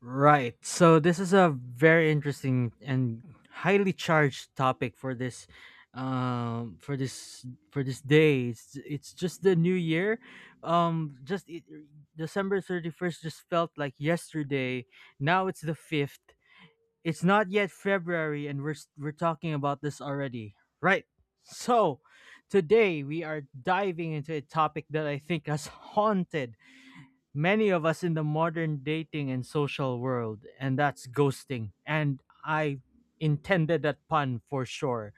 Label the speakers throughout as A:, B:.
A: Right. So this is a very interesting and highly charged topic for this for this for this day, it's just the new year. um just it, December 31st just felt like yesterday. Now it's the 5th. It's not yet February and we're talking about this already, right? So today we are diving into a topic that I think has haunted many of us in the modern dating and social world, and that's ghosting. And I intended that pun for sure.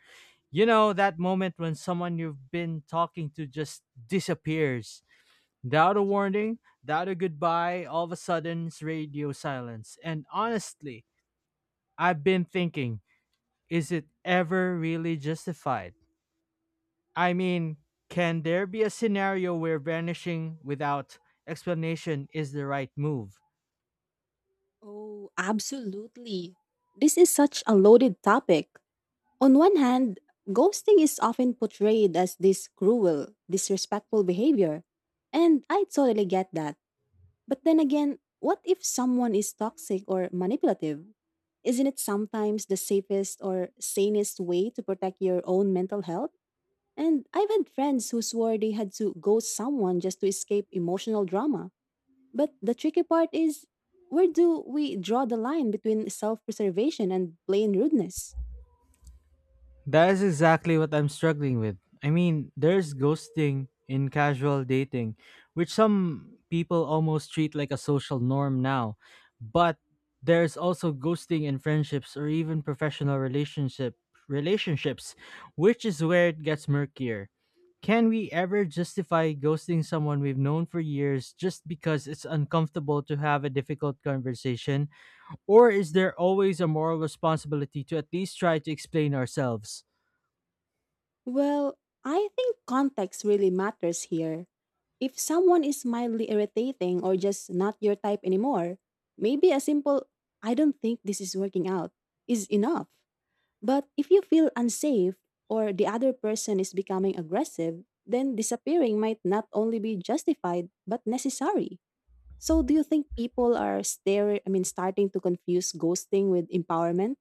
A: You know, that moment when someone you've been talking to just disappears. Without a warning, without a goodbye, all of a sudden it's radio silence. And honestly, I've been thinking, is it ever really justified? I mean, can there be a scenario where vanishing without explanation is the right move?
B: Oh, absolutely. This is such a loaded topic. On one hand, ghosting is often portrayed as this cruel, disrespectful behavior. And I totally get that. But then again, what if someone is toxic or manipulative? Isn't it sometimes the safest or sanest way to protect your own mental health? And I've had friends who swore they had to ghost someone just to escape emotional drama. But the tricky part is, where do we draw the line between self preservation and plain rudeness?
A: That is exactly what I'm struggling with. I mean, there's ghosting in casual dating, which some people almost treat like a social norm now. But there's also ghosting in friendships or even professional relationship relationships, which is where it gets murkier. Can we ever justify ghosting someone we've known for years just because it's uncomfortable to have a difficult conversation? Or is there always a moral responsibility to at least try to explain ourselves?
B: Well, I think context really matters here. If someone is mildly irritating or just not your type anymore, maybe a simple, "I don't think this is working out," is enough. But if you feel unsafe or the other person is becoming aggressive, then disappearing might not only be justified but necessary. So do you think people are stare I mean starting to confuse ghosting with empowerment?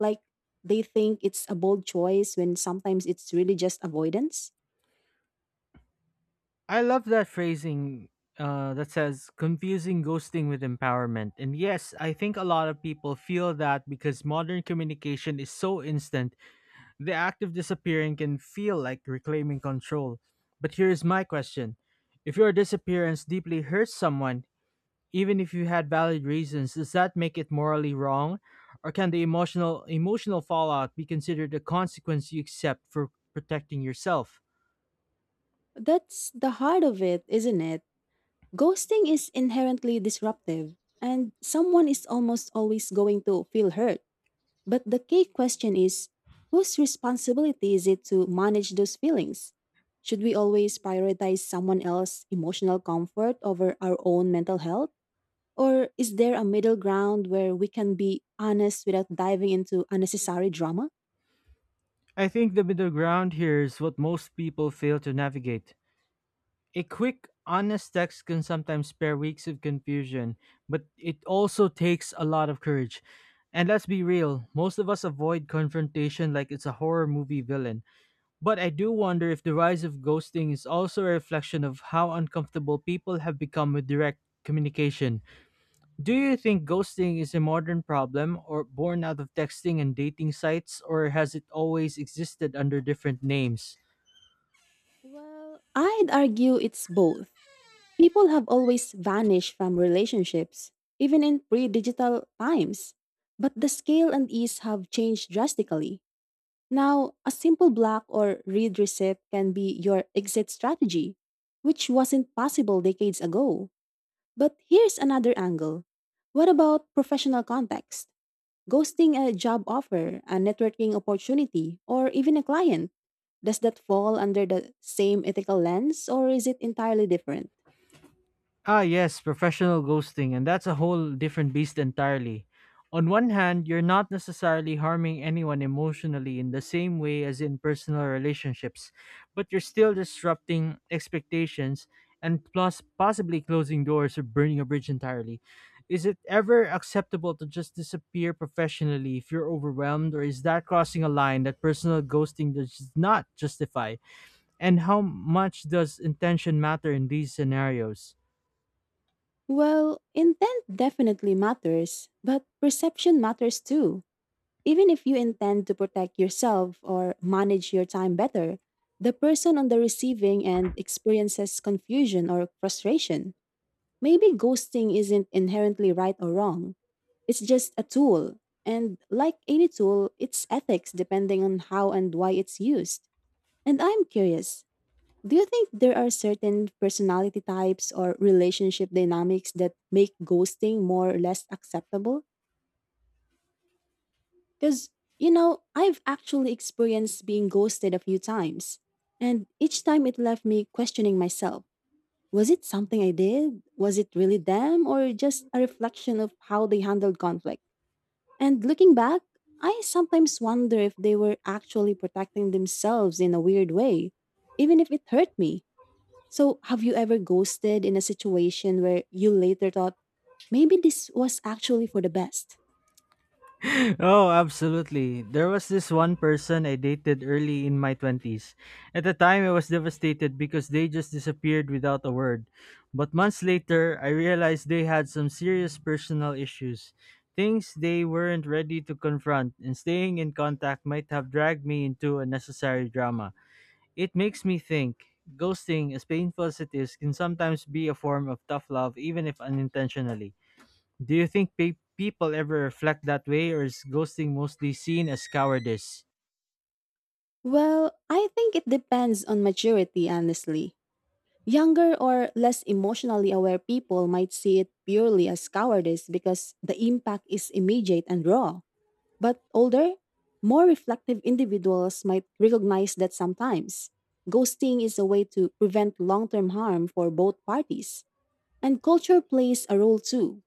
B: Like, they think it's a bold choice when sometimes it's really just avoidance?
A: I love that phrasing, that says confusing ghosting with empowerment. And yes, I think a lot of people feel that because modern communication is so instant, the act of disappearing can feel like reclaiming control. But here's my question: if your disappearance deeply hurts someone, even if you had valid reasons, does that make it morally wrong? Or can the emotional fallout be considered a consequence you accept for protecting yourself?
B: That's the heart of it, isn't it? Ghosting is inherently disruptive and someone is almost always going to feel hurt. But the key question is, whose responsibility is it to manage those feelings? Should we always prioritize someone else's emotional comfort over our own mental health? Or is there a middle ground where we can be honest without diving into unnecessary drama?
A: I think the middle ground here is what most people fail to navigate. A quick, honest text can sometimes spare weeks of confusion, but it also takes a lot of courage. And let's be real, most of us avoid confrontation like it's a horror movie villain. But I do wonder if the rise of ghosting is also a reflection of how uncomfortable people have become with direct communication. Do you think ghosting is a modern problem or born out of texting and dating sites, or has it always existed under different names?
B: Well, I'd argue it's both. People have always vanished from relationships, even in pre digital times. But the scale and ease have changed drastically. Now, a simple block or read receipt can be your exit strategy, which wasn't possible decades ago. But here's another angle. What about professional context? Ghosting a job offer, a networking opportunity, or even a client? Does that fall under the same ethical lens or is it entirely different?
A: Ah, yes, professional ghosting, and that's a whole different beast entirely. On one hand, you're not necessarily harming anyone emotionally in the same way as in personal relationships, but you're still disrupting expectations and plus possibly closing doors or burning a bridge entirely. Is it ever acceptable to just disappear professionally if you're overwhelmed, or is that crossing a line that personal ghosting does not justify? And how much does intention matter in these scenarios?
B: Well, intent definitely matters, but perception matters too. Even if you intend to protect yourself or manage your time better, the person on the receiving end experiences confusion or frustration. Maybe ghosting isn't inherently right or wrong. It's just a tool. And like any tool, it's ethics depending on how and why it's used. And I'm curious, do you think there are certain personality types or relationship dynamics that make ghosting more or less acceptable? Because, you know, I've actually experienced being ghosted a few times. And each time it left me questioning myself. Was it something I did? Was it really them or just a reflection of how they handled conflict? And looking back, I sometimes wonder if they were actually protecting themselves in a weird way, even if it hurt me. So, have you ever ghosted in a situation where you later thought, maybe this was actually for the best?
A: Oh, absolutely. There was this one person I dated early in my 20s. At the time, I was devastated because they just disappeared without a word. But months later, I realized they had some serious personal issues, things they weren't ready to confront, and staying in contact might have dragged me into unnecessary drama. It makes me think ghosting, as painful as it is, can sometimes be a form of tough love, even if unintentionally. Do you think people ever reflect that way, or is ghosting mostly seen as cowardice?
B: Well, I think it depends on maturity, honestly. Younger or less emotionally aware people might see it purely as cowardice because the impact is immediate and raw. But older, more reflective individuals might recognize that sometimes ghosting is a way to prevent long term harm for both parties. And culture plays a role too.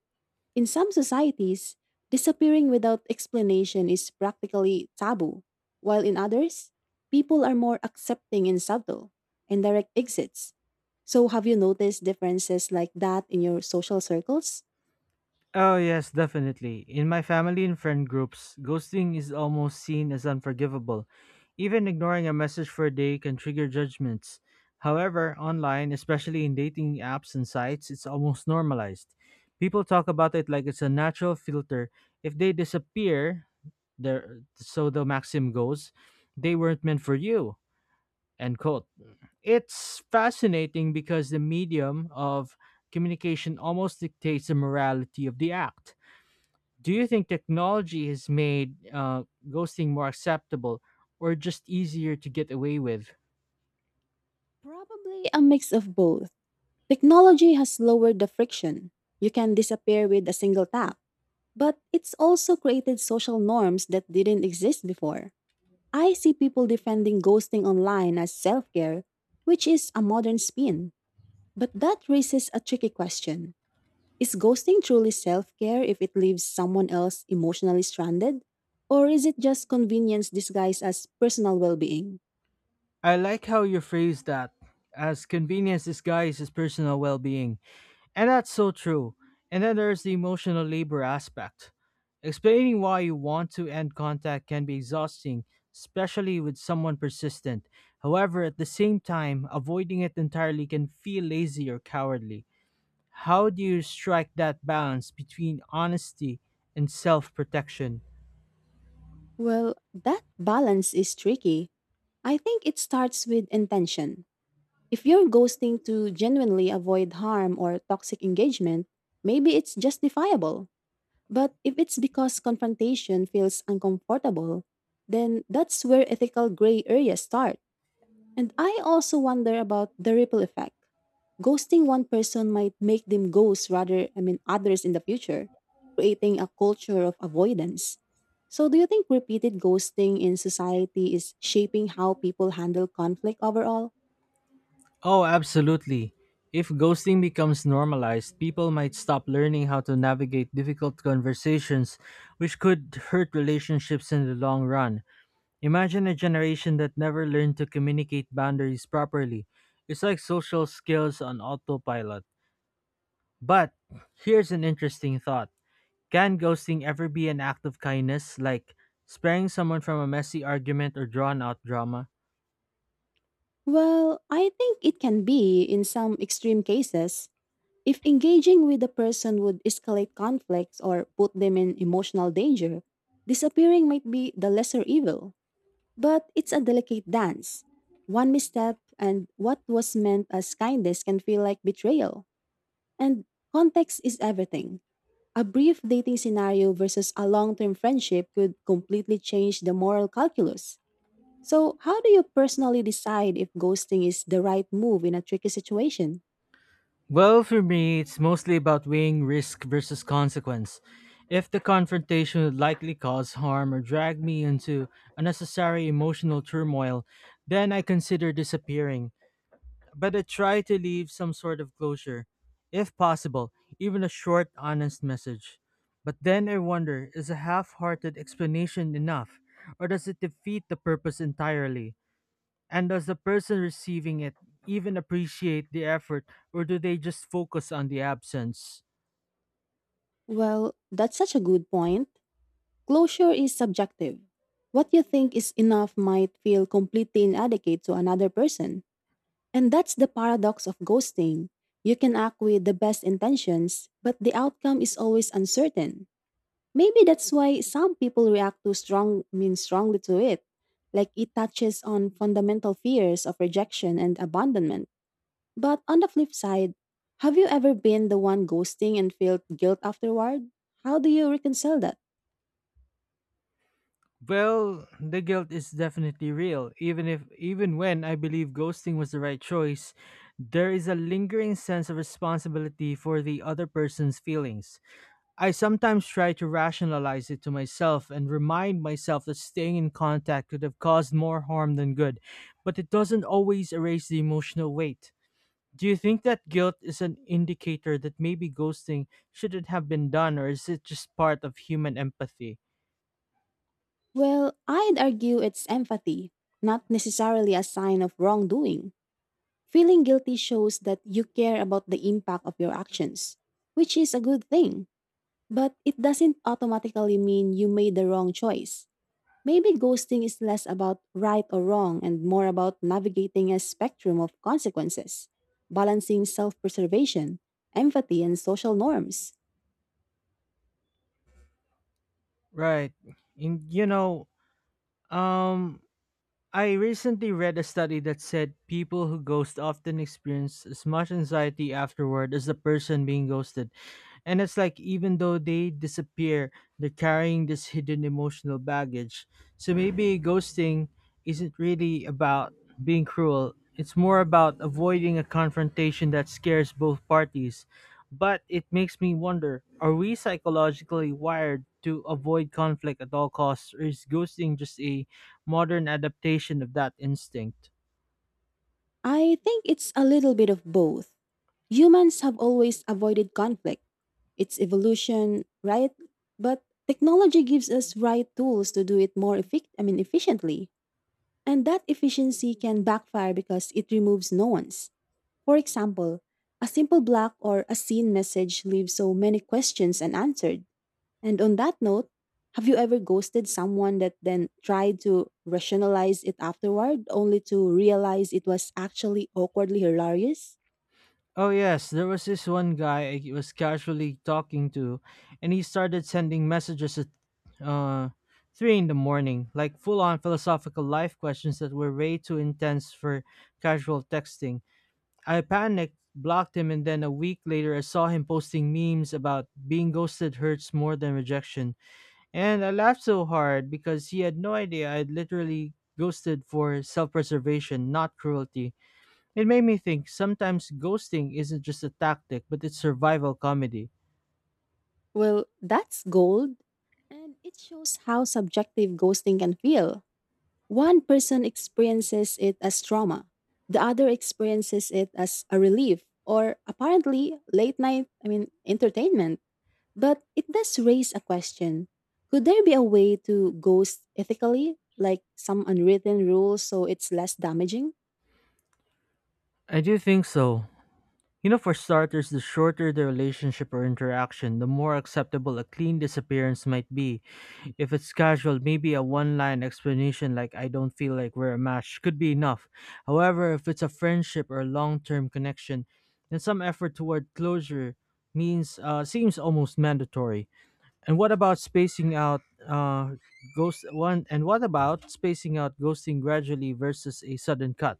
B: In some societies, disappearing without explanation is practically taboo, while in others, people are more accepting and subtle, and direct exits. So, have you noticed differences like that in your social circles?
A: Oh, yes, definitely. In my family and friend groups, ghosting is almost seen as unforgivable. Even ignoring a message for a day can trigger judgments. However, online, especially in dating apps and sites, it's almost normalized. People talk about it like it's a natural filter. If they disappear, there, so the maxim goes, they weren't meant for you. End quote. It's fascinating because the medium of communication almost dictates the morality of the act. Do you think technology has made, ghosting more acceptable, or just easier to get away with?
B: Probably a mix of both. Technology has lowered the friction. You can disappear with a single tap, but it's also created social norms that didn't exist before. I see people defending ghosting online as self care, which is a modern spin. But that raises a tricky question. Is ghosting truly self care if it leaves someone else emotionally stranded? Or is it just convenience disguised as personal well being?
A: I like how you phrase that as convenience disguises personal well being. And that's so true. And then there's the emotional labor aspect. Explaining why you want to end contact can be exhausting, especially with someone persistent. However, at the same time, avoiding it entirely can feel lazy or cowardly. How do you strike that balance between honesty and self protection?
B: Well, that balance is tricky. I think it starts with intention. If you're ghosting to genuinely avoid harm or toxic engagement, maybe it's justifiable. But if it's because confrontation feels uncomfortable, then that's where ethical gray areas start. And I also wonder about the ripple effect. Ghosting one person might make them ghost rather, I mean, others in the future, creating a culture of avoidance. So, do you think repeated ghosting in society is shaping how people handle conflict overall?
A: Oh, absolutely. If ghosting becomes normalized, people might stop learning how to navigate difficult conversations, which could hurt relationships in the long run. Imagine a generation that never learned to communicate boundaries properly. It's like social skills on autopilot. But here's an interesting thought: can ghosting ever be an act of kindness, like sparing someone from a messy argument or drawn out drama?
B: Well, I think it can be in some extreme cases. If engaging with the person would escalate conflicts or put them in emotional danger, disappearing might be the lesser evil. But it's a delicate dance. One misstep and what was meant as kindness can feel like betrayal. And context is everything. A brief dating scenario versus a long term friendship could completely change the moral calculus. So, how do you personally decide if ghosting is the right move in a tricky situation?
A: Well, for me, it's mostly about weighing risk versus consequence. If the confrontation would likely cause harm or drag me into unnecessary emotional turmoil, then I consider disappearing. But I try to leave some sort of closure, if possible, even a short, honest message. But then I wonder, is a half hearted explanation enough, or does it defeat the purpose entirely? And does the person receiving it even appreciate the effort, or do they just focus on the absence?
B: Well, that's such a good point. Closure is subjective. What you think is enough might feel completely inadequate to another person. And that's the paradox of ghosting. You can act with the best intentions, but the outcome is always uncertain. Maybe that's why some people react too strong I mean strongly to it. Like, it touches on fundamental fears of rejection and abandonment. But on the flip side, have you ever been the one ghosting and felt guilt afterward? How do you reconcile that?
A: Well, the guilt is definitely real. Even if Even when I believe ghosting was the right choice, there is a lingering sense of responsibility for the other person's feelings. I sometimes try to rationalize it to myself and remind myself that staying in contact could have caused more harm than good, but it doesn't always erase the emotional weight. Do you think that guilt is an indicator that maybe ghosting shouldn't have been done, or is it just part of human empathy?
B: Well, I'd argue it's empathy, not necessarily a sign of wrongdoing. Feeling guilty shows that you care about the impact of your actions, which is a good thing, but it doesn't automatically mean you made the wrong choice. Maybe ghosting is less about right or wrong and more about navigating a spectrum of consequences, balancing self preservation, empathy, and social norms.
A: Right. And you know, um, I recently read a study that said people who ghost often experience as much anxiety afterward as the person being ghosted. And it's like even though they disappear, they're carrying this hidden emotional baggage. So maybe ghosting isn't really about being cruel, it's more about avoiding a confrontation that scares both parties. But it makes me wonder, are we psychologically wired to avoid conflict at all costs, or is ghosting just a modern adaptation of that instinct?
B: I think it's a little bit of both. Humans have always avoided conflict. It's evolution, right? But technology gives us right tools to do it more efficiently. And that efficiency can backfire because it removes nuance. For example, a simple black or a scene message leaves so many questions unanswered. And on that note, have you ever ghosted someone that then tried to rationalize it afterward only to realize it was actually awkwardly hilarious?
A: Oh, yes, there was this one guy I was casually talking to, and he started sending messages at, uh, 3 in the morning, like full on philosophical life questions that were way too intense for casual texting. I panicked, blocked him, and then a week later I saw him posting memes about being ghosted hurts more than rejection. And I laughed so hard because he had no idea I'd literally ghosted for self preservation, not cruelty. It made me think sometimes ghosting isn't just a tactic, but it's survival comedy.
B: Well, that's gold. And it shows how subjective ghosting can feel. One person experiences it as trauma, the other experiences it as a relief or apparently late night, I mean, entertainment. But it does raise a question, could there be a way to ghost ethically, like some unwritten rule so it's less damaging?
A: I do think so. You know, for starters, the shorter the relationship or interaction, the more acceptable a clean disappearance might be. If it's casual, maybe a one line explanation like, I don't feel like we're a match, could be enough. However, if it's a friendship or long term connection, then some effort toward closure means, seems almost mandatory. And what about spacing out, ghost one and what about spacing out ghosting gradually versus a sudden cut?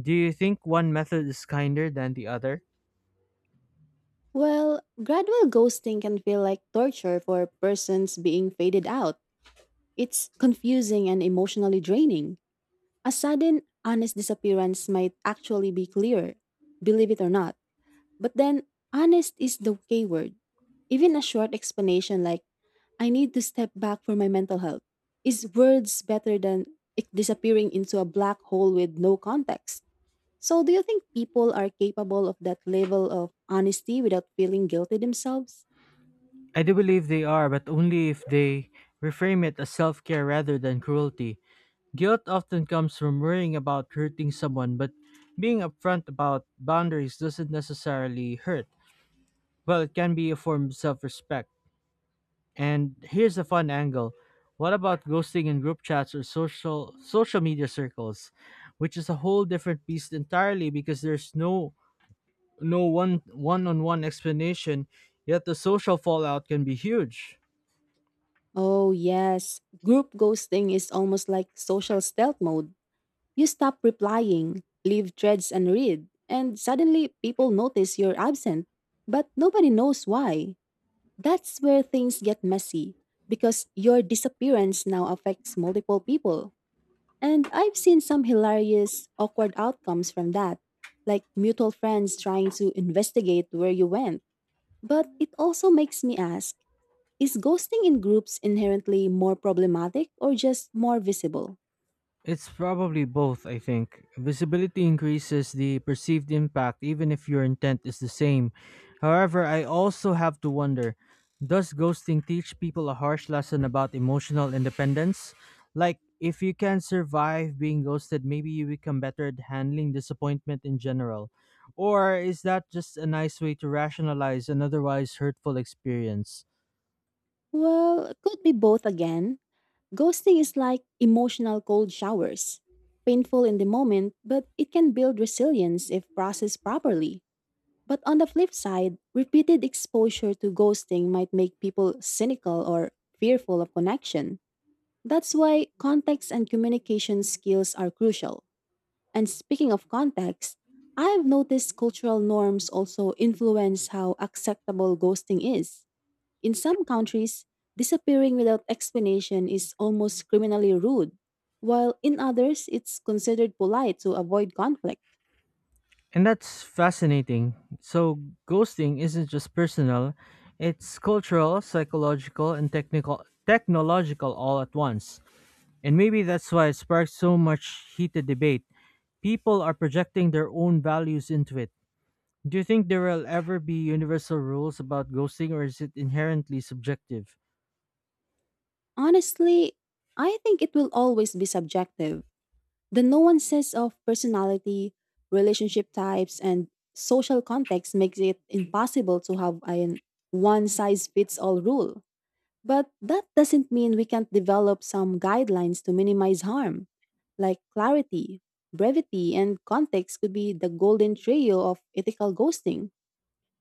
A: Do you think one method is kinder than the other?
B: Well, gradual ghosting can feel like torture for persons being faded out. It's confusing and emotionally draining. A sudden, honest disappearance might actually be clearer, believe it or not. But then, honest is the K word. Even a short explanation like, "I need to step back for my mental health," is words better than it disappearing into a black hole with no context. So, do you think people are capable of that level of honesty without feeling guilty themselves?
A: I do believe they are, but only if they reframe it as self-care rather than cruelty. Guilt often comes from worrying about hurting someone, but being upfront about boundaries doesn't necessarily hurt. Well, it can be a form of self-respect. And here's a fun angle. What about ghosting in group chats or social media circles, which is a whole different beast entirely because there's no one-on-one explanation, yet the social fallout can be huge.
B: Oh, yes. Group ghosting is almost like social stealth mode. You stop replying, leave threads unread, and suddenly people notice you're absent, but nobody knows why. That's where things get messy because your disappearance now affects multiple people. And I've seen some hilarious, awkward outcomes from that, like mutual friends trying to investigate where you went. But it also makes me ask, is ghosting in groups inherently more problematic or just more visible?
A: It's probably both, I think. Visibility increases the perceived impact even if your intent is the same. However, I also have to wonder, does ghosting teach people a harsh lesson about emotional independence? Like, if you can survive being ghosted, maybe you become better at handling disappointment in general. Or is that just a nice way to rationalize an otherwise hurtful experience?
B: Well, could be both again. Ghosting is like emotional cold showers. Painful in the moment, but it can build resilience if processed properly. But on the flip side, repeated exposure to ghosting might make people cynical or fearful of connection. That's why context and communication skills are crucial. And speaking of context, I've noticed cultural norms also influence how acceptable ghosting is. In some countries, disappearing without explanation is almost criminally rude, while in others, it's considered polite to avoid conflict.
A: And that's fascinating. So, ghosting isn't just personal, it's cultural, psychological, and technical technological all at once. And maybe that's why it sparks so much heated debate. People are projecting their own values into it. Do you think there will ever be universal rules about ghosting, or is it inherently subjective?
B: Honestly, I think it will always be subjective. The nuances of personality, relationship types, and social context makes it impossible to have an one size fits all rule. But that doesn't mean we can't develop some guidelines to minimize harm. Like clarity, brevity, and context could be the golden trio of ethical ghosting.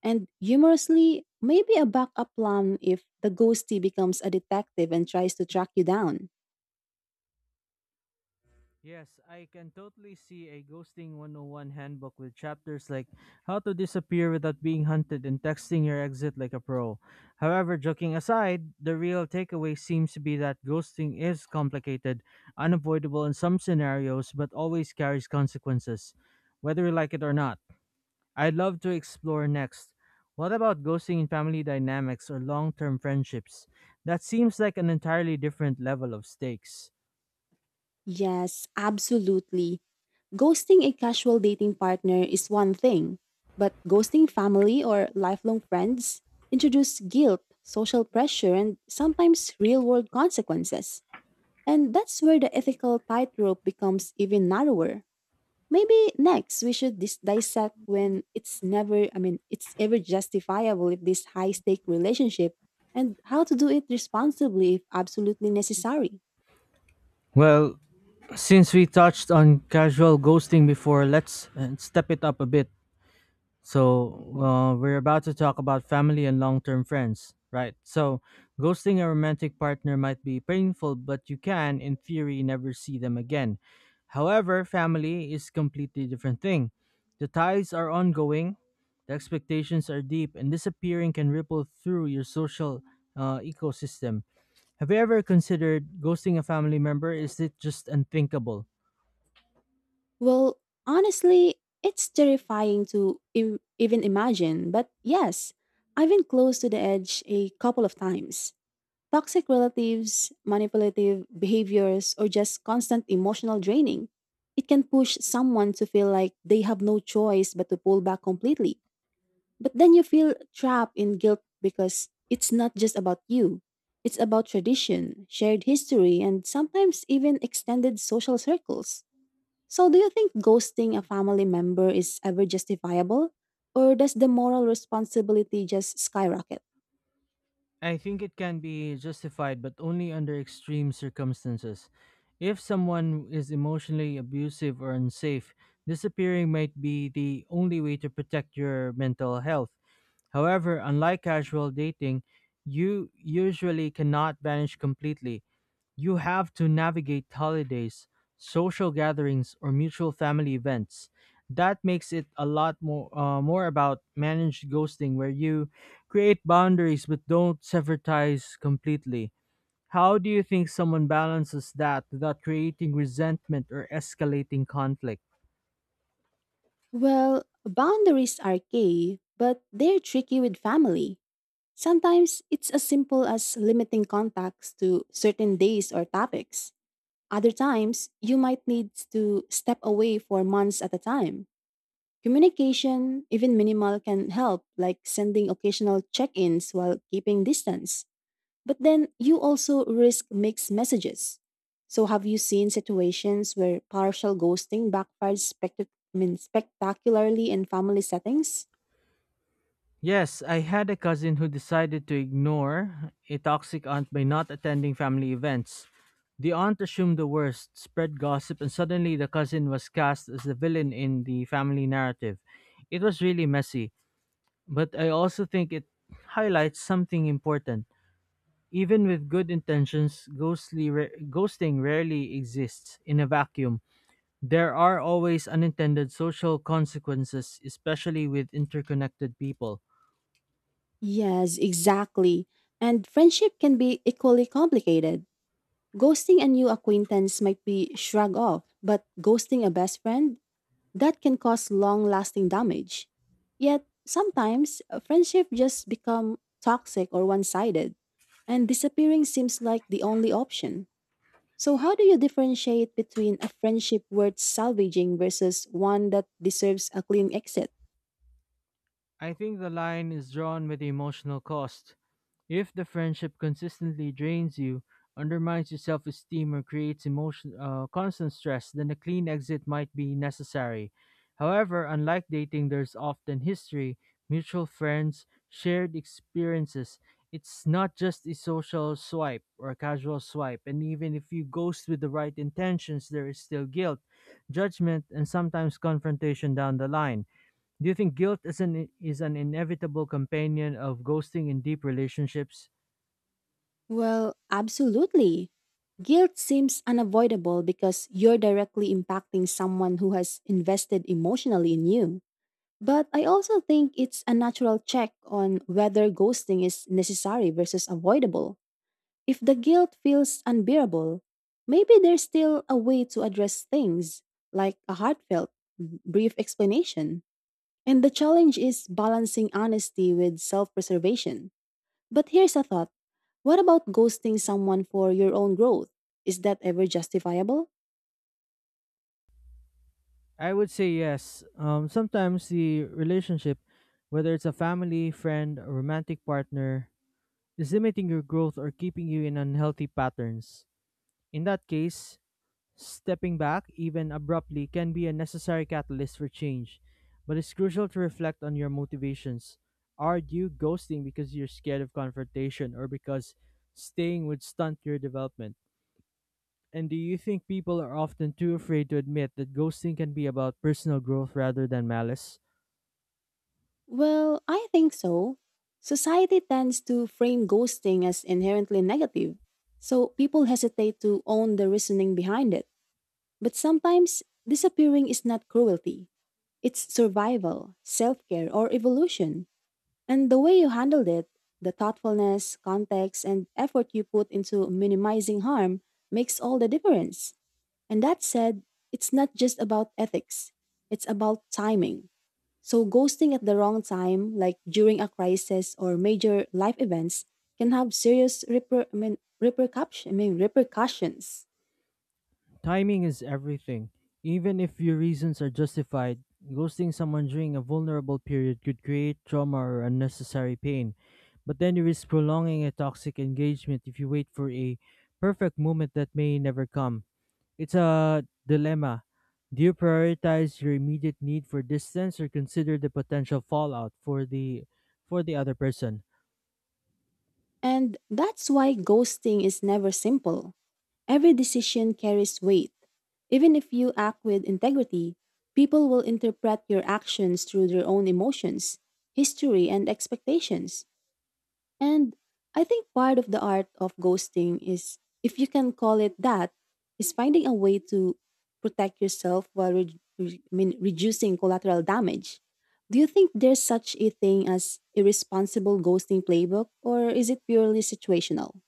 B: And humorously, maybe a backup plan if the ghosty becomes a detective and tries to track you down.
A: Yes, I can totally see a Ghosting 101 handbook with chapters like how to disappear without being hunted and texting your exit like a pro. However, joking aside, the real takeaway seems to be that ghosting is complicated, unavoidable in some scenarios, but always carries consequences, whether we like it or not. I'd love to explore next: what about ghosting in family dynamics or long term friendships? That seems like an entirely different level of stakes.
B: Yes, absolutely. Ghosting a casual dating partner is one thing, but ghosting family or lifelong friends introduce guilt, social pressure, and sometimes real world consequences. And that's where the ethical tightrope becomes even narrower. Maybe next we should dissect when it's never, I mean, it's ever justifiable if this high stake relationship and how to do it responsibly if absolutely necessary.
A: Well, since we touched on casual ghosting before, let's, step it up a bit. So, we're about to talk about family and long term friends, right? So, ghosting a romantic partner might be painful, but you can, in theory, never see them again. However, family is completely different thing. The ties are ongoing, the expectations are deep, and disappearing can ripple through your social ecosystem. Have you ever considered ghosting a family member? Is it just unthinkable?
B: Well, honestly, it's terrifying to even imagine, but yes, I've been close to the edge a couple of times. Toxic relatives, manipulative behaviors, or just constant emotional draining. It can push someone to feel like they have no choice but to pull back completely. But then you feel trapped in guilt because it's not just about you. It's about tradition, shared history, and sometimes even extended social circles. So, do you think ghosting a family member is ever justifiable? Or does the moral responsibility just skyrocket?
A: I think it can be justified, but only under extreme circumstances. If someone is emotionally abusive or unsafe, disappearing might be the only way to protect your mental health. However, unlike casual dating, you usually cannot vanish completely. You have to navigate holidays, social gatherings, or mutual family events. That makes it a lot more about managed ghosting, where you create boundaries but don't sever ties completely. How do you think someone balances that without creating resentment or escalating conflict?
B: Well, boundaries are key, but they're tricky with family. Sometimes it's as simple as limiting contacts to certain days or topics. Other times, you might need to step away for months at a time. Communication, even minimal, can help, like sending occasional check ins while keeping distance. But then you also risk mixed messages. So have you seen situations where partial ghosting backfires spectacularly in family settings?
A: Yes, I had a cousin who decided to ignore a toxic aunt by not attending family events. The aunt assumed the worst, spread gossip, and suddenly the cousin was cast as the villain in the family narrative. It was really messy, but I also think it highlights something important. Even with good intentions, ghosting rarely exists in a vacuum. There are always unintended social consequences, especially with interconnected people.
B: Yes, exactly. And friendship can be equally complicated. Ghosting a new acquaintance might be shrugged off, but ghosting a best friend, that can cause long-lasting damage. Yet, sometimes a friendship just become toxic or one-sided, and disappearing seems like the only option. So, how do you differentiate between a friendship worth salvaging versus one that deserves a clean exit?
A: I think the line is drawn with emotional cost. If the friendship consistently drains you, undermines your self esteem, or creates constant stress, then a clean exit might be necessary. However, unlike dating, there's often history, mutual friends, shared experiences. It's not just a social swipe or a casual swipe, and even if you ghost with the right intentions, there is still guilt, judgment, and sometimes confrontation down the line. Do you think guilt is an inevitable companion of ghosting in deep relationships?
B: Well, absolutely. Guilt seems unavoidable because you're directly impacting someone who has invested emotionally in you. But I also think it's a natural check on whether ghosting is necessary versus avoidable. If the guilt feels unbearable, maybe there's still a way to address things, like a heartfelt, brief explanation. And the challenge is balancing honesty with self preservation. But here's a thought, what about ghosting someone for your own growth? Is that ever justifiable?
A: I would say yes. Sometimes the relationship, whether it's a family, friend, or romantic partner, is limiting your growth or keeping you in unhealthy patterns. In that case, stepping back, even abruptly, can be a necessary catalyst for change. But it's crucial to reflect on your motivations. Are you ghosting because you're scared of confrontation or because staying would stunt your development? And do you think people are often too afraid to admit that ghosting can be about personal growth rather than malice?
B: Well, I think so. Society tends to frame ghosting as inherently negative, so people hesitate to own the reasoning behind it. But sometimes, disappearing is not cruelty, it's survival, self care, or evolution. And the way you handled it, the thoughtfulness, context, and effort you put into minimizing harm makes all the difference. And that said, it's not just about ethics, it's about timing. So, ghosting at the wrong time, like during a crisis or major life events, can have serious repercussions.
A: Timing is everything. Even if your reasons are justified, ghosting someone during a vulnerable period could create trauma or unnecessary pain. But then you risk prolonging a toxic engagement if you wait for a perfect moment that may never come. It's a dilemma. Do you prioritize your immediate need for distance or consider the potential fallout for the other person?
B: And that's why ghosting is never simple. Every decision carries weight. Even if you act with integrity, people will interpret your actions through their own emotions, history, and expectations. And I think part of the art of ghosting is, if you can call it that, is finding a way to protect yourself while reducing collateral damage. Do you think there's such a thing as irresponsible ghosting playbook, or is it purely situational?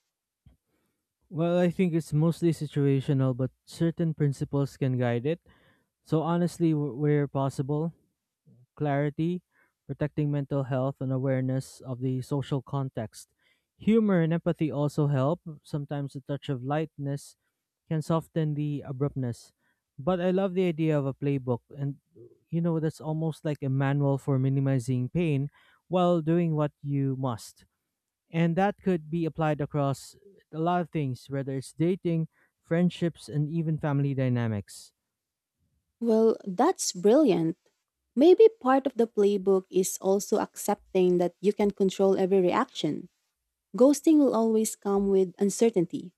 A: Well, I think it's mostly situational, but certain principles can guide it. So, honestly, where possible, clarity, protecting mental health, and awareness of the social context. Humor and empathy also help. Sometimes a touch of lightness can soften the abruptness. But I love the idea of a playbook, and you know, that's almost like a manual for minimizing pain while doing what you must. And that could be applied across a lot of things, whether it's dating, friendships, and even family dynamics.
B: Well, that's brilliant. Maybe part of the playbook is also accepting that you can control every reaction. Ghosting will always come with uncertainty.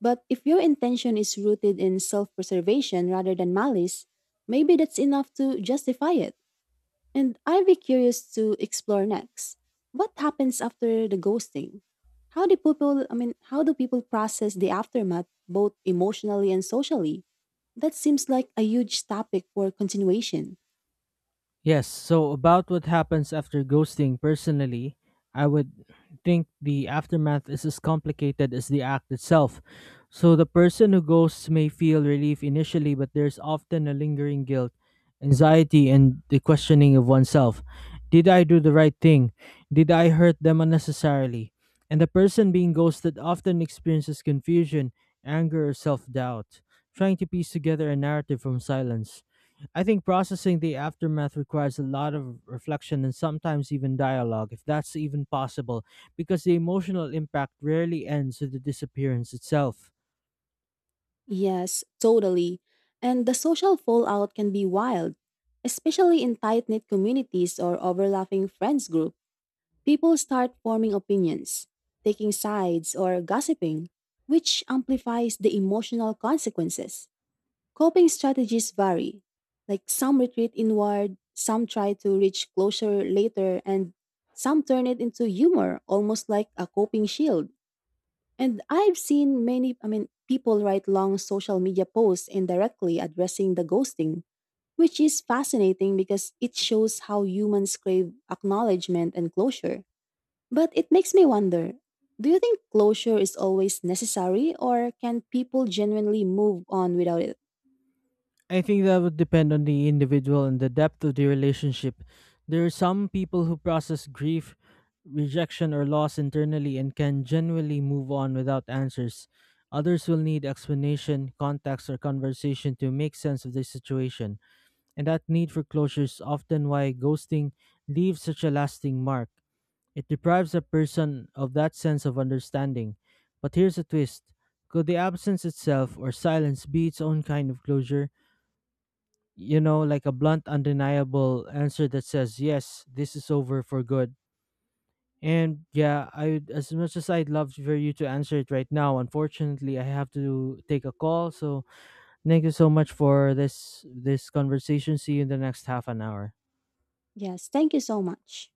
B: But if your intention is rooted in self preservation rather than malice, maybe that's enough to justify it. And I'd be curious to explore next. What happens after the ghosting? How do how do people process the aftermath both emotionally and socially? That seems like a huge topic for continuation.
A: Yes, so about what happens after ghosting personally, I would think the aftermath is as complicated as the act itself. So the person who ghosts may feel relief initially, but there's often a lingering guilt, anxiety, and the questioning of oneself. Did I do the right thing? Did I hurt them unnecessarily? And the person being ghosted often experiences confusion, anger, or self doubt, trying to piece together a narrative from silence. I think processing the aftermath requires a lot of reflection and sometimes even dialogue, if that's even possible, because the emotional impact rarely ends with the disappearance itself.
B: Yes, totally. And the social fallout can be wild, especially in tight knit communities or overlapping friends group. People start forming opinions, taking sides, or gossiping, which amplifies the emotional consequences. Coping strategies vary. Like some retreat inward, some try to reach closure later, and some turn it into humor, almost like a coping shield. And I've seen people write long social media posts indirectly addressing the ghosting, which is fascinating because it shows how humans crave acknowledgement and closure. But it makes me wonder, do you think closure is always necessary, or can people genuinely move on without it?
A: I think that would depend on the individual and the depth of the relationship. There are some people who process grief, rejection, or loss internally and can genuinely move on without answers. Others will need explanation, context, or conversation to make sense of their situation. And that need for closure is often why ghosting leaves such a lasting mark. It deprives a person of that sense of understanding. But here's a twist: could the absence itself or silence be its own kind of closure? You know, like a blunt, undeniable answer that says, yes, this is over for good. And yeah, I as much as I'd love for you to answer it right now, unfortunately, I have to take a call. So thank you so much for this conversation. See you in the next half an hour.
B: Yes, thank you so much.